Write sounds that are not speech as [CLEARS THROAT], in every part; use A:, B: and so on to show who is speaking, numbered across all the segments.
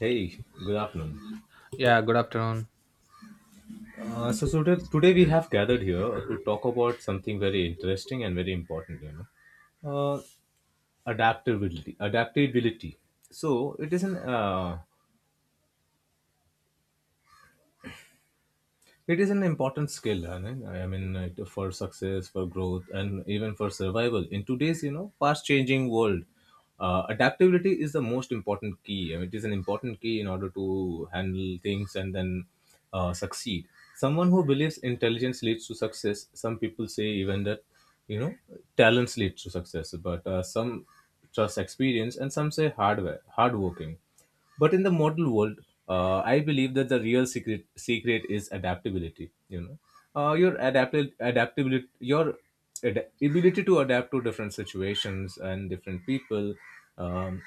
A: Hey, good afternoon.
B: Yeah, good afternoon.
A: So today we have gathered here to talk about something very interesting and very important, uh, adaptability. Adaptability. So it is an uh, It is an important skill, Anand. I mean, for success, for growth, and even for survival. In today's, fast-changing world, adaptability is the most important key. I mean, it is an important key in order to handle things and then succeed. Someone who believes intelligence leads to success. Some people say even that, you know, talents lead to success, but some trust experience, and some say hardware, hard working, but in the modern world, I believe that the real secret is adaptability. Your adapted adaptability your ability to adapt to different situations and different people, um,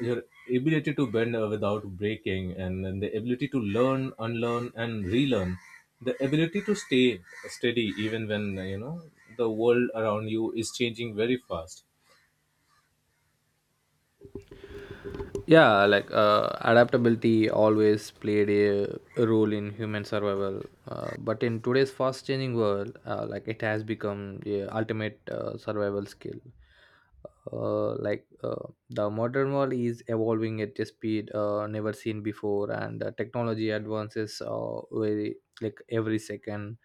A: your ability to bend without breaking, and then the ability to learn, unlearn, and relearn, the ability to stay steady even when, the world around you is changing very fast.
B: Yeah, adaptability always played a role in human survival, but in today's fast-changing world, it has become the ultimate survival skill. The modern world is evolving at a speed never seen before, and technology advances very every second,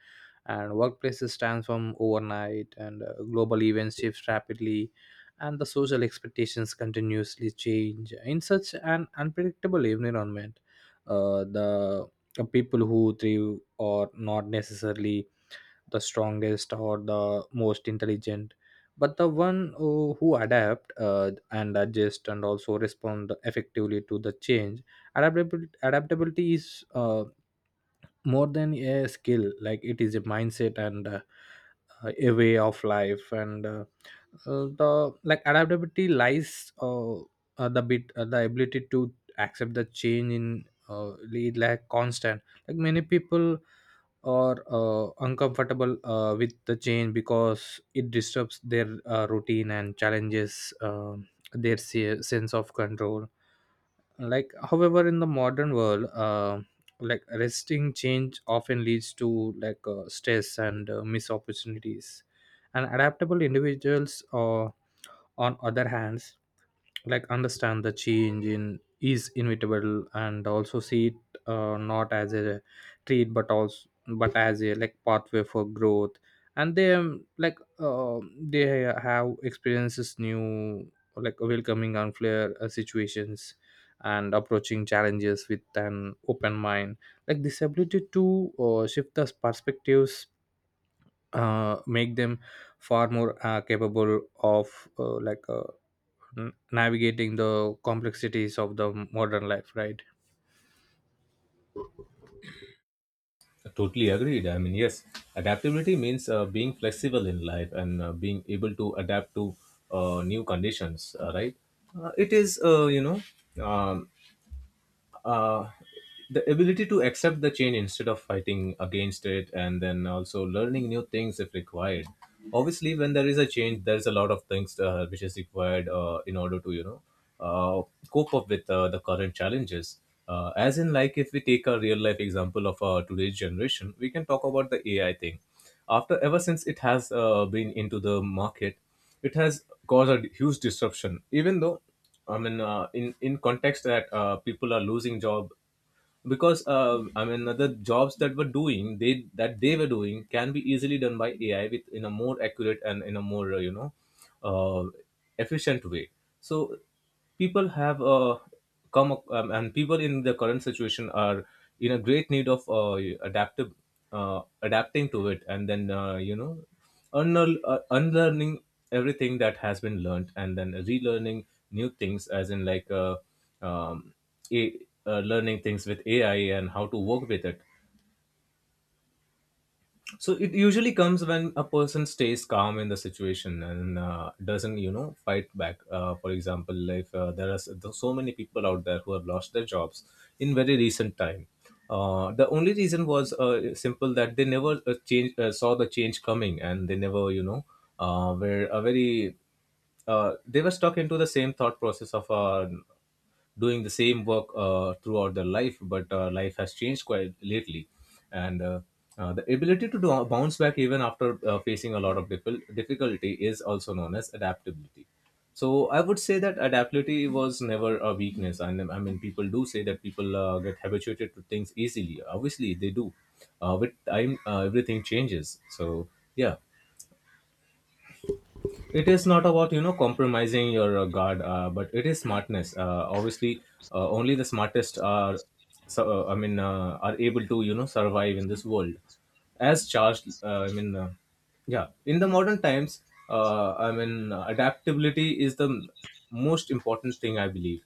B: and workplaces transform overnight, and global events shift rapidly, and the social expectations continuously change. In such an unpredictable environment, the people who thrive are not necessarily the strongest or the most intelligent, but the one who adapt and adjust and also respond effectively to the change. Adaptability is more than a skill. Like, it is a mindset and a way of life, and the like adaptability lies the ability to accept the change in, lead like constant, like many people or uncomfortable with the change because it disturbs their routine and challenges their sense of control. Like, however, in the modern world, like resisting change often leads to like stress and missed opportunities, and adaptable individuals, on other hands, like understand the change in is inevitable and also see it not as a treat but also but as a like pathway for growth. And they, they have experiences new, like welcoming unfair situations and approaching challenges with an open mind. Like, this ability to shift the perspectives make them far more capable of navigating the complexities of the modern life, right?
A: Totally agreed. I mean, yes, adaptability means being flexible in life and being able to adapt to new conditions, right? It is, um, uh, the ability to accept the change instead of fighting against it, and then also learning new things if required. Obviously, when there is a change, there's a lot of things which is required in order to, uh, cope up with the current challenges, as in like, if we take a real life example of today's generation, we can talk about the AI thing. After, ever since it has been into the market, it has caused a huge disruption, even though, I mean, in context that people are losing job because, I mean, the jobs that were doing they, that they were doing can be easily done by AI with in a more accurate and in a more, uh, efficient way. So people have come up, and people in the current situation are in a great need of adaptive adapting to it, and then, unlearning everything that has been learned and then relearning new things, as in like, um, a, learning things with AI and how to work with it. So it usually comes when a person stays calm in the situation and doesn't, you know, fight back. For example, if there's so many people out there who have lost their jobs in very recent time, the only reason was simple, that they never change saw the change coming and they never, you know, were a very they were stuck into the same thought process of doing the same work throughout their life, but life has changed quite lately, and the ability to do, bounce back even after facing a lot of difficulty is also known as adaptability. So I would say that adaptability was never a weakness, and I mean people do say that people get habituated to things easily. Obviously, they do. With time, everything changes. So yeah, it is not about, you know, compromising your guard, but it is smartness. Obviously, only the smartest are, are able to, you know, survive in this world. As charged, yeah, in the modern times, adaptability is the most important thing I believe.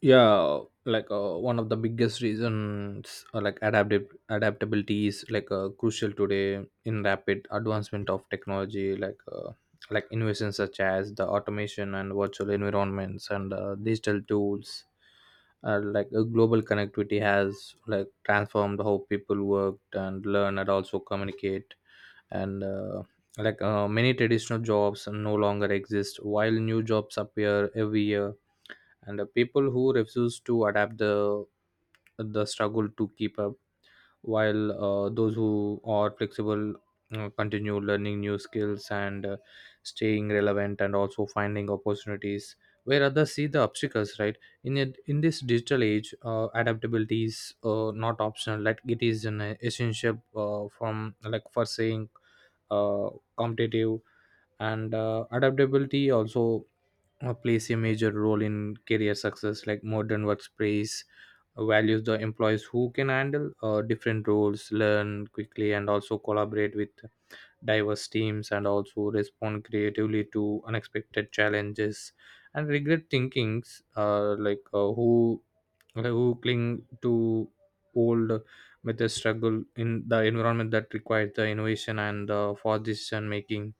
B: Yeah, one of the biggest reasons adaptive adaptability is like crucial today in rapid advancement of technology. Like innovations such as the automation and virtual environments and digital tools, global connectivity has like transformed how people worked and learn and also communicate. And many traditional jobs no longer exist while new jobs appear every year, and the people who refuse to adapt the struggle to keep up, while those who are flexible continue learning new skills and staying relevant and also finding opportunities where others see the obstacles, right? In this digital age, adaptability is not optional. Like, it is an essential from like for saying uh, competitive. And adaptability also plays a major role in career success. Like, modern workplace values the employees who can handle different roles, learn quickly, and also collaborate with diverse teams and also respond creatively to unexpected challenges. And regret thinkings, like, who cling to old methods struggle in the environment that requires the innovation and for decision making.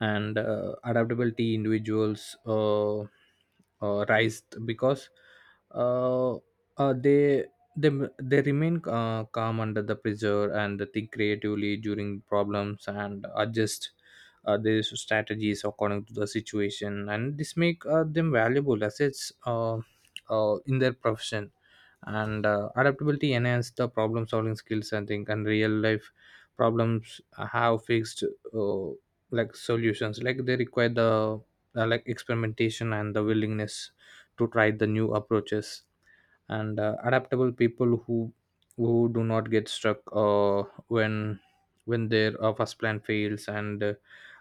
B: And adaptability individuals rise because uh, uh, they they they remain calm under the pressure, and they think creatively during problems and adjust their strategies according to the situation. And this make them valuable assets in their profession. And adaptability enhanced the problem solving skills, I think. And real life problems have fixed uh, like solutions. Like, they require the like experimentation and the willingness to try the new approaches. And adaptable people who do not get stuck when when their first plan fails. And uh,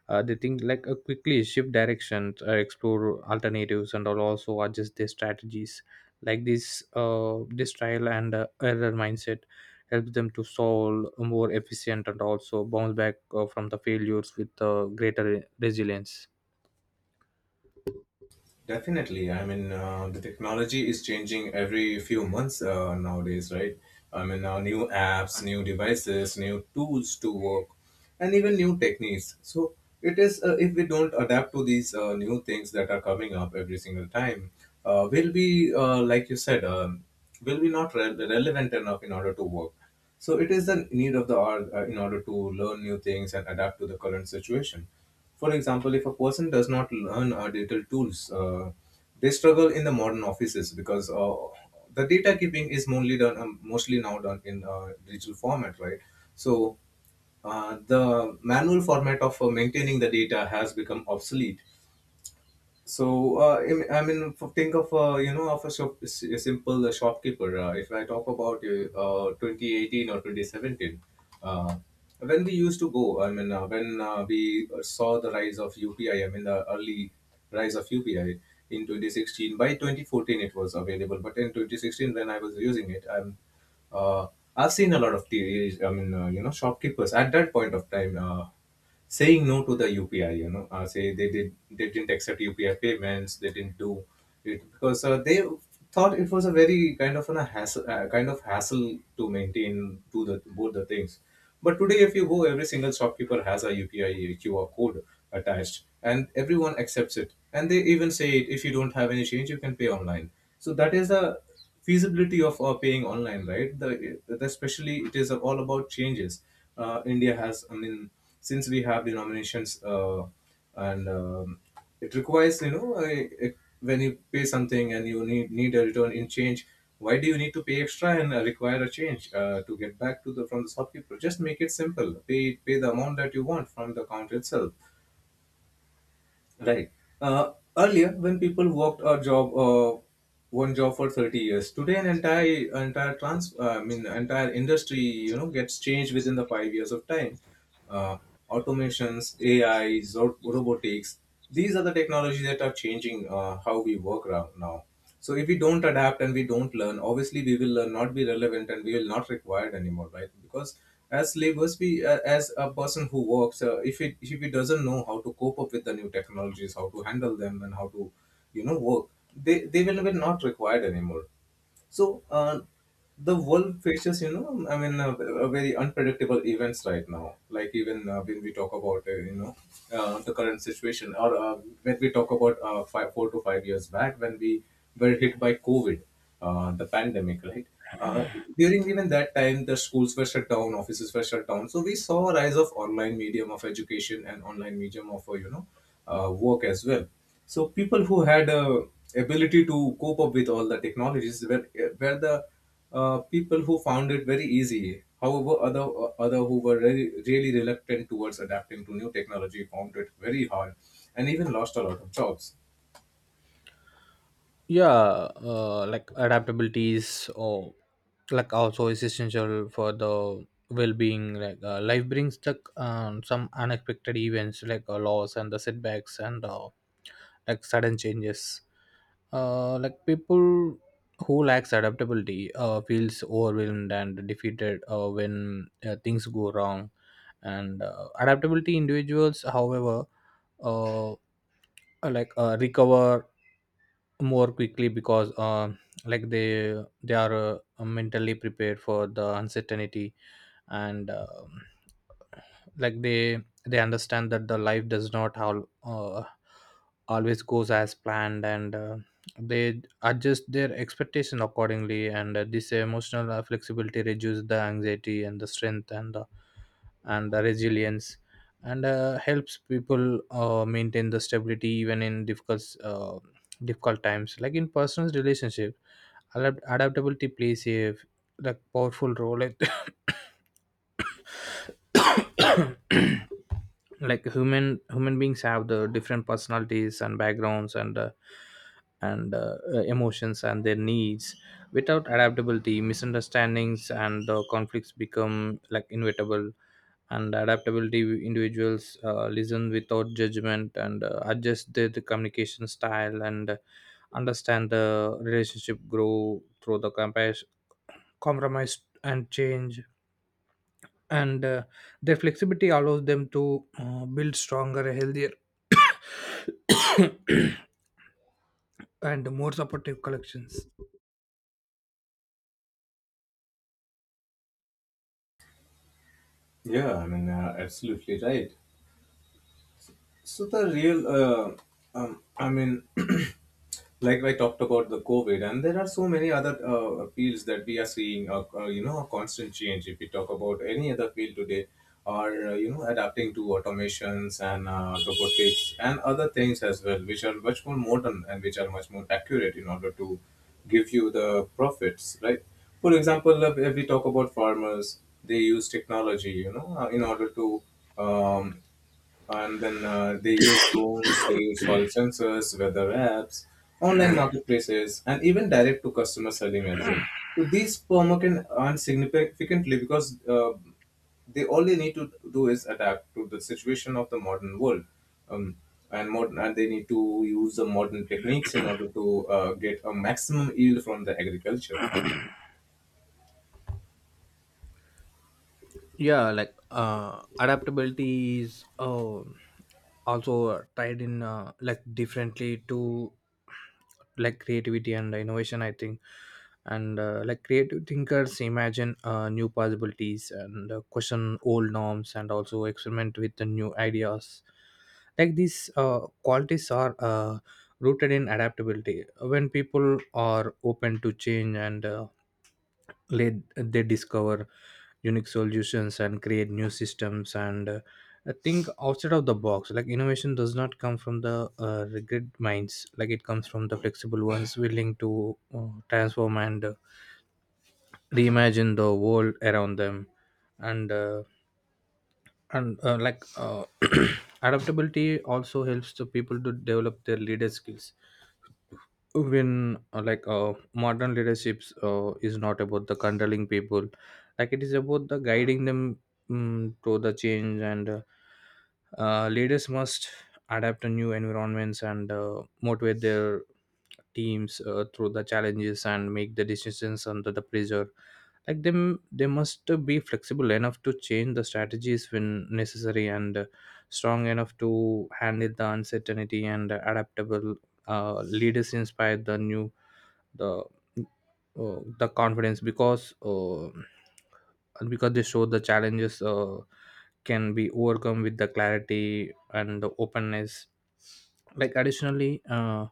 B: uh, they think like quickly shift direction, explore alternatives, and all also adjust their strategies. Like, this trial and error mindset helps them to solve more efficient and also bounce back from the failures with greater resilience.
A: Definitely. I mean, the technology is changing every few months nowadays, right? I mean, new apps, new devices, new tools to work, and even new techniques. So it is, if we don't adapt to these new things that are coming up every single time, we'll be, like you said, will be not relevant enough in order to work. So it is the need of the hour in order to learn new things and adapt to the current situation. For example, if a person does not learn digital tools, they struggle in the modern offices because the data keeping is mostly done, mostly now done in digital format, right? So the manual format of maintaining the data has become obsolete. So, I mean, think of, a simple shopkeeper. If I talk about 2018 or 2017, uh, when we used to go, I mean, when we saw the rise of UPI, I mean, the early rise of UPI in 2016. By 2014, it was available, but in 2016, when I was using it, uh, I've seen a lot of the, I mean, shopkeepers at that point of time. Saying no to the UPI. You know, say they did they didn't accept UPI payments. They didn't do it because they thought it was a very kind of an, a hassle, kind of hassle to maintain to the both the things. But today, if you go, every single shopkeeper has a UPI QR code attached, and everyone accepts it. And they even say, it: if you don't have any change, you can pay online. So that is a feasibility of paying online, right? Especially, it is all about changes. India has, I mean, since we have denominations, and it requires, you know, when you pay something and you need a return in change, why do you need to pay extra and require a change to get back to the from the shopkeeper? Just make it simple. Pay the amount that you want from the account itself. Right. Earlier, when people worked a job, one job for 30 years, today an I mean, entire industry, you know, gets changed within the 5 years of time. Uh, automations, AI, robotics. These are the technologies that are changing how we work now. So if we don't adapt and we don't learn, obviously we will not be relevant and we will not required anymore, right? Because as laborers, we as a person who works, if it if he doesn't know how to cope up with the new technologies, how to handle them, and how to, you know, work, they will be not required anymore. So the world faces, you know, I mean, a very unpredictable events right now. Like even when we talk about, the current situation, or when we talk about 4 to 5 years back when we were hit by COVID, the pandemic, right? Uh, during even that time, the schools were shut down, offices were shut down. So we saw a rise of online medium of education and online medium of, work as well. So people who had ability to cope up with all the technologies were the people who found it very easy. However, other, other who were really, really reluctant towards adapting to new technology found it very hard, and even lost a lot of jobs.
B: Yeah, adaptability is, oh, like also is essential for the well-being. Like, life brings the, some unexpected events like a loss and the setbacks and like sudden changes. Like people who lacks adaptability feels overwhelmed and defeated when things go wrong. And adaptability individuals, however, uh, uh, recover more quickly because they are mentally prepared for the uncertainty. And like they they understand that the life does not all, always goes as planned. And they adjust their expectation accordingly. And this emotional flexibility reduces the anxiety and the strength and the resilience, and helps people maintain the stability even in difficult times. Like, in personal relationship, adaptability plays a like powerful role. [COUGHS] Like, human beings have the different personalities and backgrounds and emotions and their needs. Without adaptability, misunderstandings and conflicts become like inevitable. And adaptability individuals listen without judgment and adjust their the communication style, and understand the relationship grow through the compromise and change. And their flexibility allows them to build stronger, healthier [COUGHS] and more supportive collections.
A: Yeah, I mean, absolutely right. So the real, I mean, [CLEARS THROAT] like I talked about the COVID, and there are so many other fields that we are seeing, a constant change. If we talk about any other field today, are, adapting to automations and robotics and other things as well, which are much more modern and which are much more accurate in order to give you the profits, right? For example, if we talk about farmers, they use technology, you know, in order to, um, and then they use drones, they use soil sensors, weather apps, online marketplaces, and even direct to customer selling as well. So these farmer can earn significantly because they all they need to do is adapt to the situation of the modern world, um, and they need to use the modern techniques in order to get a maximum yield from the agriculture.
B: Yeah, uh adaptability is uh, also tied in like differently to like creativity and innovation, I think. And like creative thinkers imagine new possibilities and question old norms and also experiment with the new ideas. Like, these uh, qualities are rooted in adaptability. When people are open to change and let they discover unique solutions and create new systems and think outside of the box. Like, innovation does not come from the regret minds. Like, it comes from the flexible ones willing to transform and reimagine the world around them. And uh, and like [CLEARS THROAT] Adaptability also helps the people to develop their leader skills. When like Modern leaderships is not about the controlling people. Like, it is about the guiding them, mm, to the change. And leaders must adapt to new environments, and motivate their teams through the challenges, and make the decisions under the pressure. Like, them they must be flexible enough to change the strategies when necessary and strong enough to handle the uncertainty. And adaptable leaders inspire the the confidence because they show the challenges can be overcome with the clarity and the openness. Like, additionally, uh,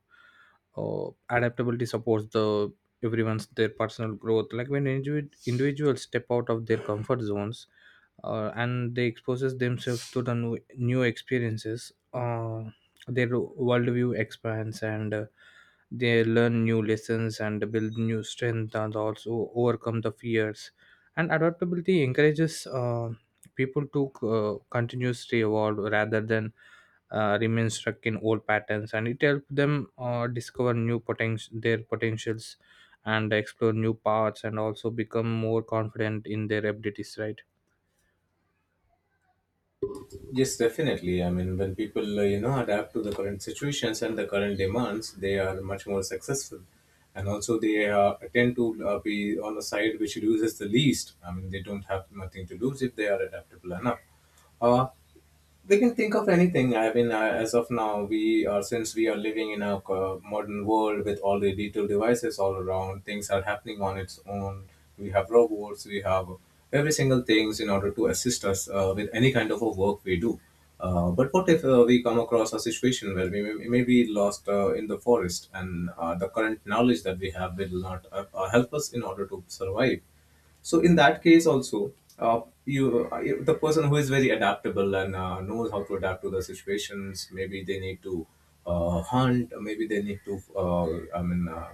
B: uh, adaptability supports the everyone's their personal growth. Like, when individuals step out of their comfort zones, and they exposes themselves to the new experiences, their worldview expands. And they learn new lessons and build new strength and also overcome the fears. And adaptability encourages people to continuously evolve rather than remain stuck in old patterns. And it helps them discover new potential, their potentials, and explore new paths and also become more confident in their abilities, right?
A: Yes, definitely. I mean, when people, adapt to the current situations and the current demands, they are much more successful. And also, they tend to be on the side which loses the least. I mean, they don't have nothing to lose if they are adaptable enough. Uh, we can think of anything. As of now, we are, since we are living in a modern world with all the digital devices all around, things are happening on its own. We have robots, we have every single things in order to assist us with any kind of a work we do. But what if we come across a situation where we may be lost in the forest, and the current knowledge that we have will not help us in order to survive? So in that case also, you the person who is very adaptable and knows how to adapt to the situations, maybe they need to hunt. Maybe they need to.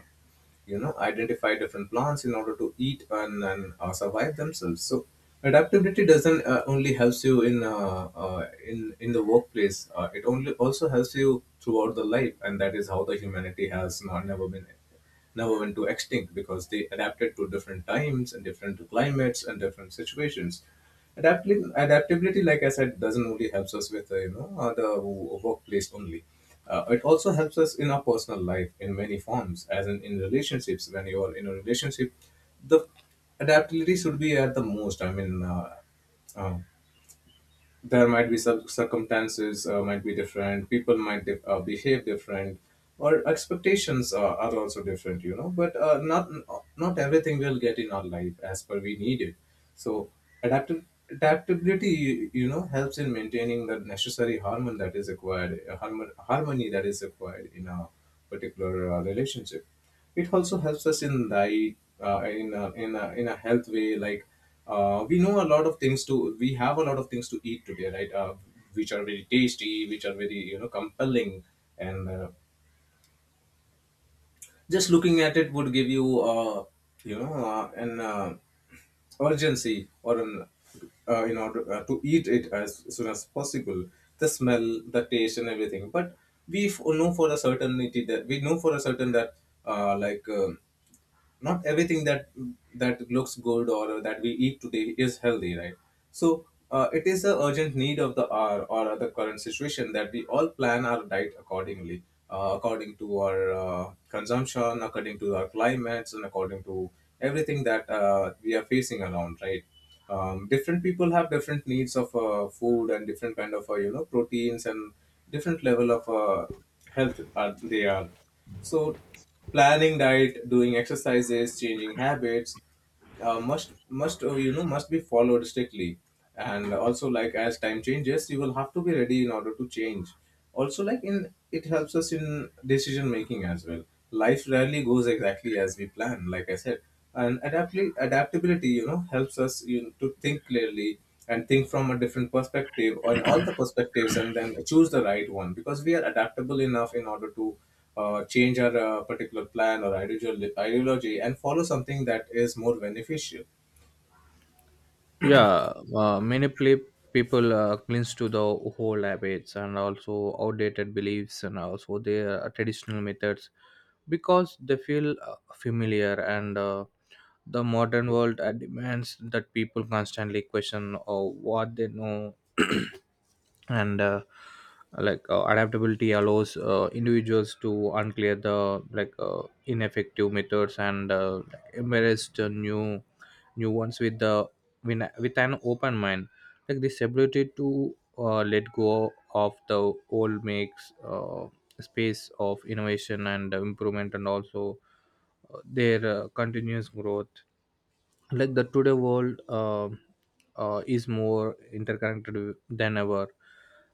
A: You know, identify different plants in order to eat and survive themselves. So adaptability doesn't only helps you in in the workplace, it only also helps you throughout the life. And that is how the humanity has not never been, never went to extinct, because they adapted to different times and different climates and different situations. Adaptability, like I said, doesn't only helps us with the workplace only. It also helps us in our personal life in many forms, as in relationships. When you are in a relationship, the adaptability should be at the most. Uh, there might be some circumstances, might be different, people might behave different, or expectations are also different, you know. But not, not everything we'll get in our life as per we need it. So adaptive adaptability, you know, helps in maintaining the necessary harmony that is required, harmony that is required in a particular relationship. It also helps us in the in in in a health way. Like we have a lot of things to eat today, right? Which are very tasty, which are very, you know, compelling. And just looking at it would give you you know an urgency, or an in order to eat it as soon as possible, the smell, the taste, and everything. But we know for a certain that uh, like um not everything that, that looks good or that we eat today is healthy, right? So it is the urgent need of the hour or the current situation that we all plan our diet accordingly, according to our consumption, according to our climates, and according to everything that we are facing around, right? Different people have different needs of food and different kind of proteins and different level of health are they are. So planning diet, doing exercises, changing habits must must be followed strictly. And also, like, as time changes, you will have to be ready in order to change. Also, like, in it helps us in decision making as well. Life rarely goes exactly as we plan, like I said. And adaptability, you know, helps us, you know, to think clearly and think from a different perspective, on all the perspectives, and then choose the right one, because we are adaptable enough in order to change our particular plan or ideology, and follow something that is more beneficial.
B: Yeah, people clings to the old habits and also outdated beliefs and also their traditional methods because they feel familiar. And the modern world demands that people constantly question what they know. [CLEARS THROAT] And adaptability allows individuals to unclear the like ineffective methods and embrace the new ones with an open mind. Like, this ability to let go of the old makes space of innovation and improvement and also their continuous growth. Like, the today world is more interconnected than ever.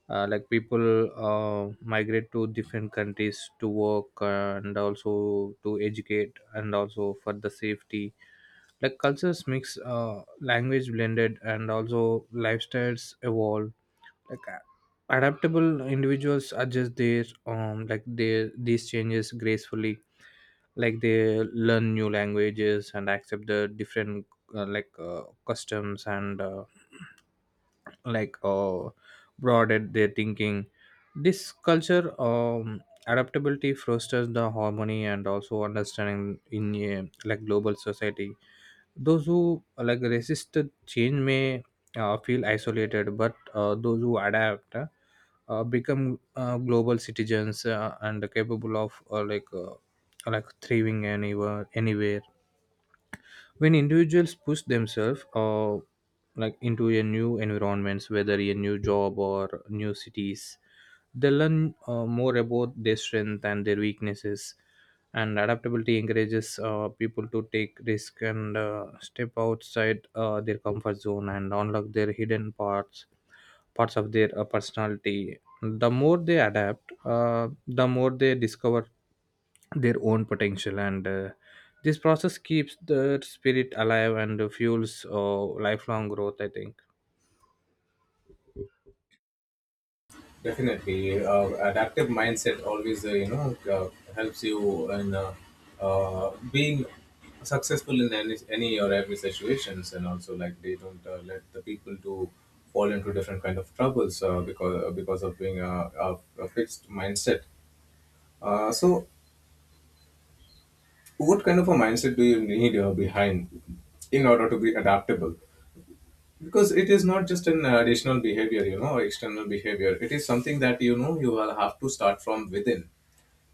B: Like, people migrate to different countries to work and also to educate and also for the safety. Like, cultures mix, language blended and also lifestyles evolve. like a- Adaptable individuals adjust their like their these changes gracefully. Like, they learn new languages and accept the different customs and like uh, broadened their thinking. This culture, adaptability fosters the harmony and also understanding in a like global society. Those who like resist the change may feel isolated, but those who adapt become global citizens and capable of like thriving anywhere. When individuals push themselves like into a new environments, whether a new job or new cities, they learn more about their strength and their weaknesses. And adaptability encourages people to take risk and step outside their comfort zone and unlock their hidden parts of their personality. The more they adapt, the more they discover their own potential. And this process keeps the spirit alive and fuels lifelong growth, I think.
A: Definitely, adaptive mindset always helps you in being successful in any or every situations. And also, like, they don't let the people to fall into different kind of troubles, because of being a fixed mindset. So, what kind of a mindset do you need behind in order to be adaptable? Because it is not just an additional behavior, you know, or external behavior. It is something that, you know, you will have to start from within.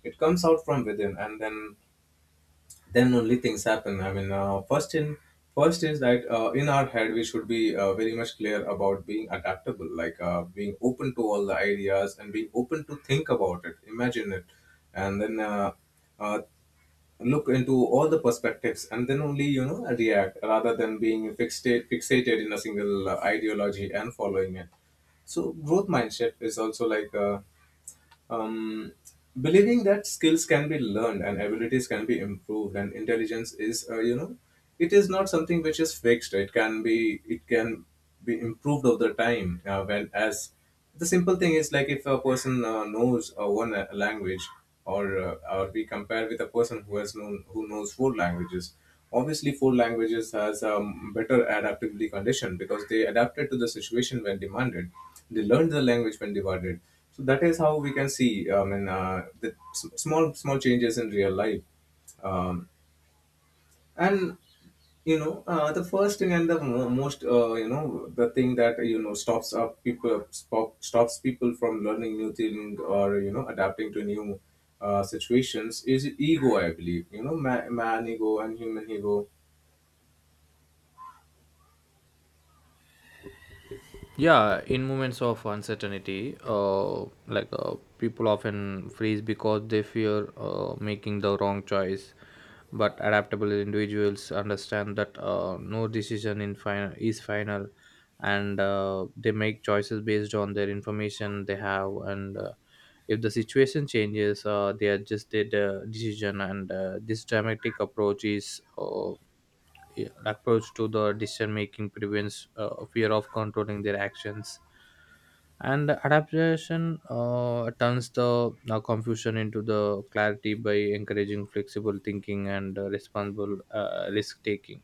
A: It comes out from within, and then only things happen. First in, first is that in our head we should be very much clear about being adaptable, like being open to all the ideas, and being open to think about it, imagine it, and then uh, look into all the perspectives, and then only, you know, react, rather than being fixated in a single ideology and following it. So growth mindset is also like um, believing that skills can be learned, and abilities can be improved, and intelligence is it is not something which is fixed. It can be, it can be improved over the time. When as The simple thing is like, if a person knows one language, or we compare with a person who has known, who knows four languages, obviously four languages has a better adaptability condition, because they adapted to the situation when demanded. They learned the language when demanded. So that is how we can see, the small changes in real life. um, and, you know, the first thing and the most, the thing that, you know, stops people from learning new thing, or, you know, adapting to new situations is ego, I believe, you know. Man ego and human ego.
B: Yeah, in moments of uncertainty, people often freeze because they fear making the wrong choice. But adaptable individuals understand that no decision in final is final. And they make choices based on their information they have. And if the situation changes, they adjust their decision. And this dramatic approach is, approach to the decision making, prevents fear of controlling their actions. And adaptation turns the confusion into the clarity by encouraging flexible thinking and responsible risk taking.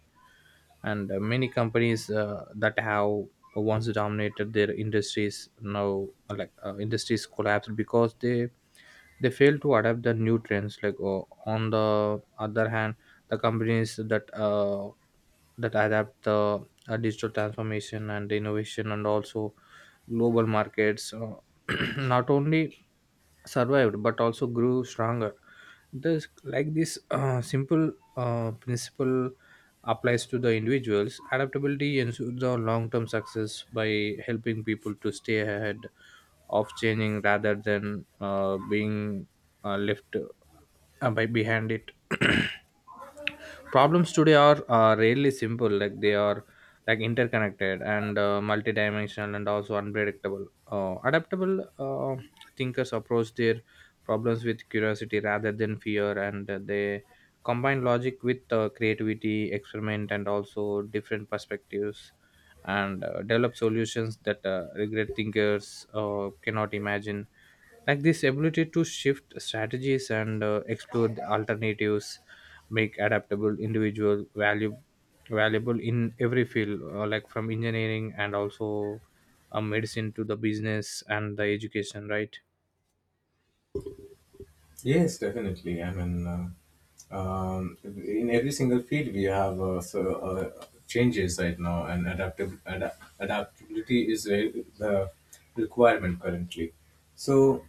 B: And many companies that have once dominated their industries now, industries collapse because they fail to adapt the new trends. On the other hand, the companies that adapt the digital transformation and innovation and also global markets [CLEARS THROAT] not only survived but also grew stronger. This like this simple principle applies to the individuals. Adaptability ensures the long term success by helping people to stay ahead of changing rather than being left by behind it. [CLEARS THROAT] Problems today are really simple. Like, they are like interconnected and multidimensional and also unpredictable. Adaptable thinkers approach their problems with curiosity rather than fear. And they combine logic with creativity, experiment, and also different perspectives, and develop solutions that regret thinkers cannot imagine. Like, this ability to shift strategies and explore the alternatives make adaptable individual value valuable in every field, like from engineering and also medicine to the business and the education, right?
A: Yes, definitely. In every single field we have changes right now, and adaptability is the requirement currently. So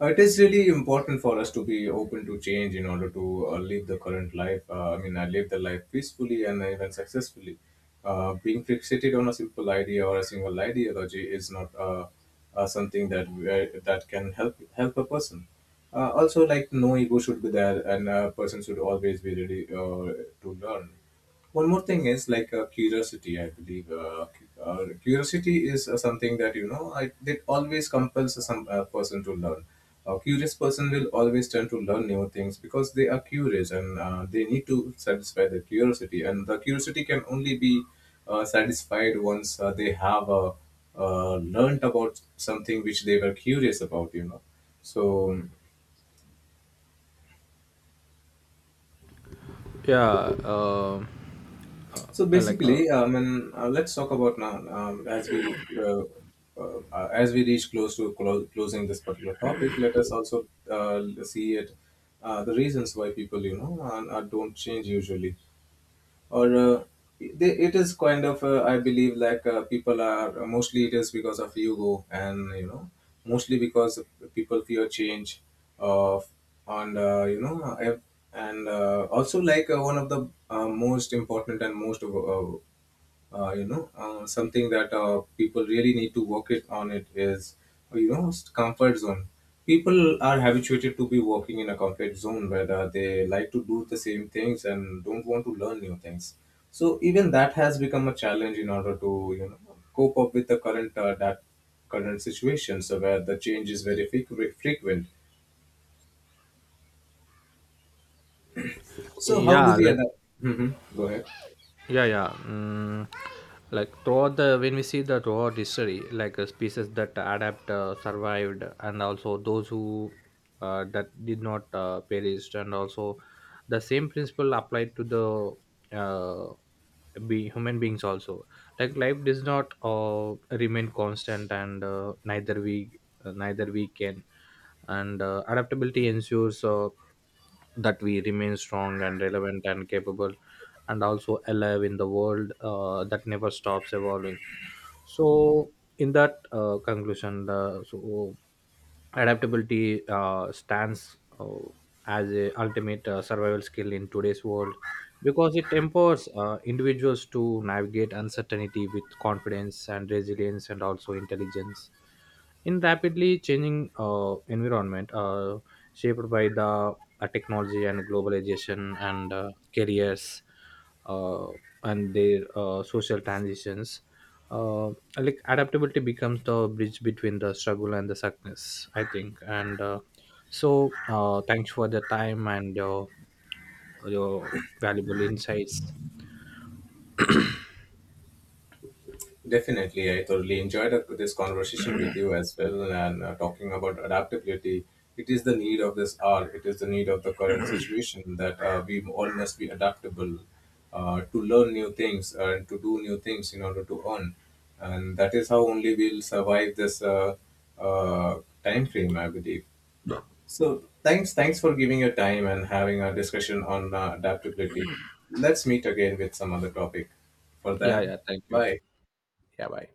A: it is really important for us to be open to change in order to live the current life. I live the life peacefully and even successfully. Being fixated on a simple idea or a single ideology is not something that that can help a person. Also, like, no ego should be there, and a person should always be ready to learn. One more thing is like curiosity, I believe. Curiosity is something that, you know, it always compels some person to learn. A curious person will always tend to learn new things, because they are curious, and they need to satisfy their curiosity. And the curiosity can only be satisfied once they have learned about something which they were curious about, you know. So,
B: yeah uh,
A: so
B: like
A: basically, and let's talk about now, as we reach close to closing this particular topic. Let us also see it, the reasons why people, you know, don't change usually. Or it is kind of I believe, like people are, mostly it is because of ego, and, you know, mostly because people fear change of. And also, like, one of the most important and most something that people really need to work it on it is, you know, comfort zone. People are habituated to be working in a comfort zone, where they like to do the same things and don't want to learn new things. So even that has become a challenge in order to, you know, cope up with the current situation, so where the change is very frequent. So how do
B: yeah
A: we
B: like
A: adapt? Hmm, go ahead.
B: yeah yeah mm, Like, throughout the when we see the throughout history, species that adapt survived, and also those who that did not perished. And also, the same principle applied to the be human beings also. Like, life does not remain constant, and neither we can. And adaptability ensures that we remain strong and relevant and capable and also alive in the world that never stops evolving. So, in that conclusion, the so adaptability stands as a ultimate survival skill in today's world because it empowers individuals to navigate uncertainty with confidence and resilience and also intelligence in rapidly changing environment shaped by the technology and globalization and careers uh, and their social transitions. Uh, like, adaptability becomes the bridge between the struggle and the success, I think. And thanks for the time and your valuable insights.
A: Definitely, I thoroughly enjoyed this conversation with you as well, and talking about adaptability. It is the need of this hour. It is the need of the current situation that we all must be adaptable to learn new things and to do new things in order to earn. And that is how only we'll survive this uh, time frame, I believe. So thanks for giving your time and having a discussion on adaptability. Let's meet again with some other topic. For
B: Yeah,
A: then,
B: yeah. Thank you.
A: bye.
B: Yeah, bye.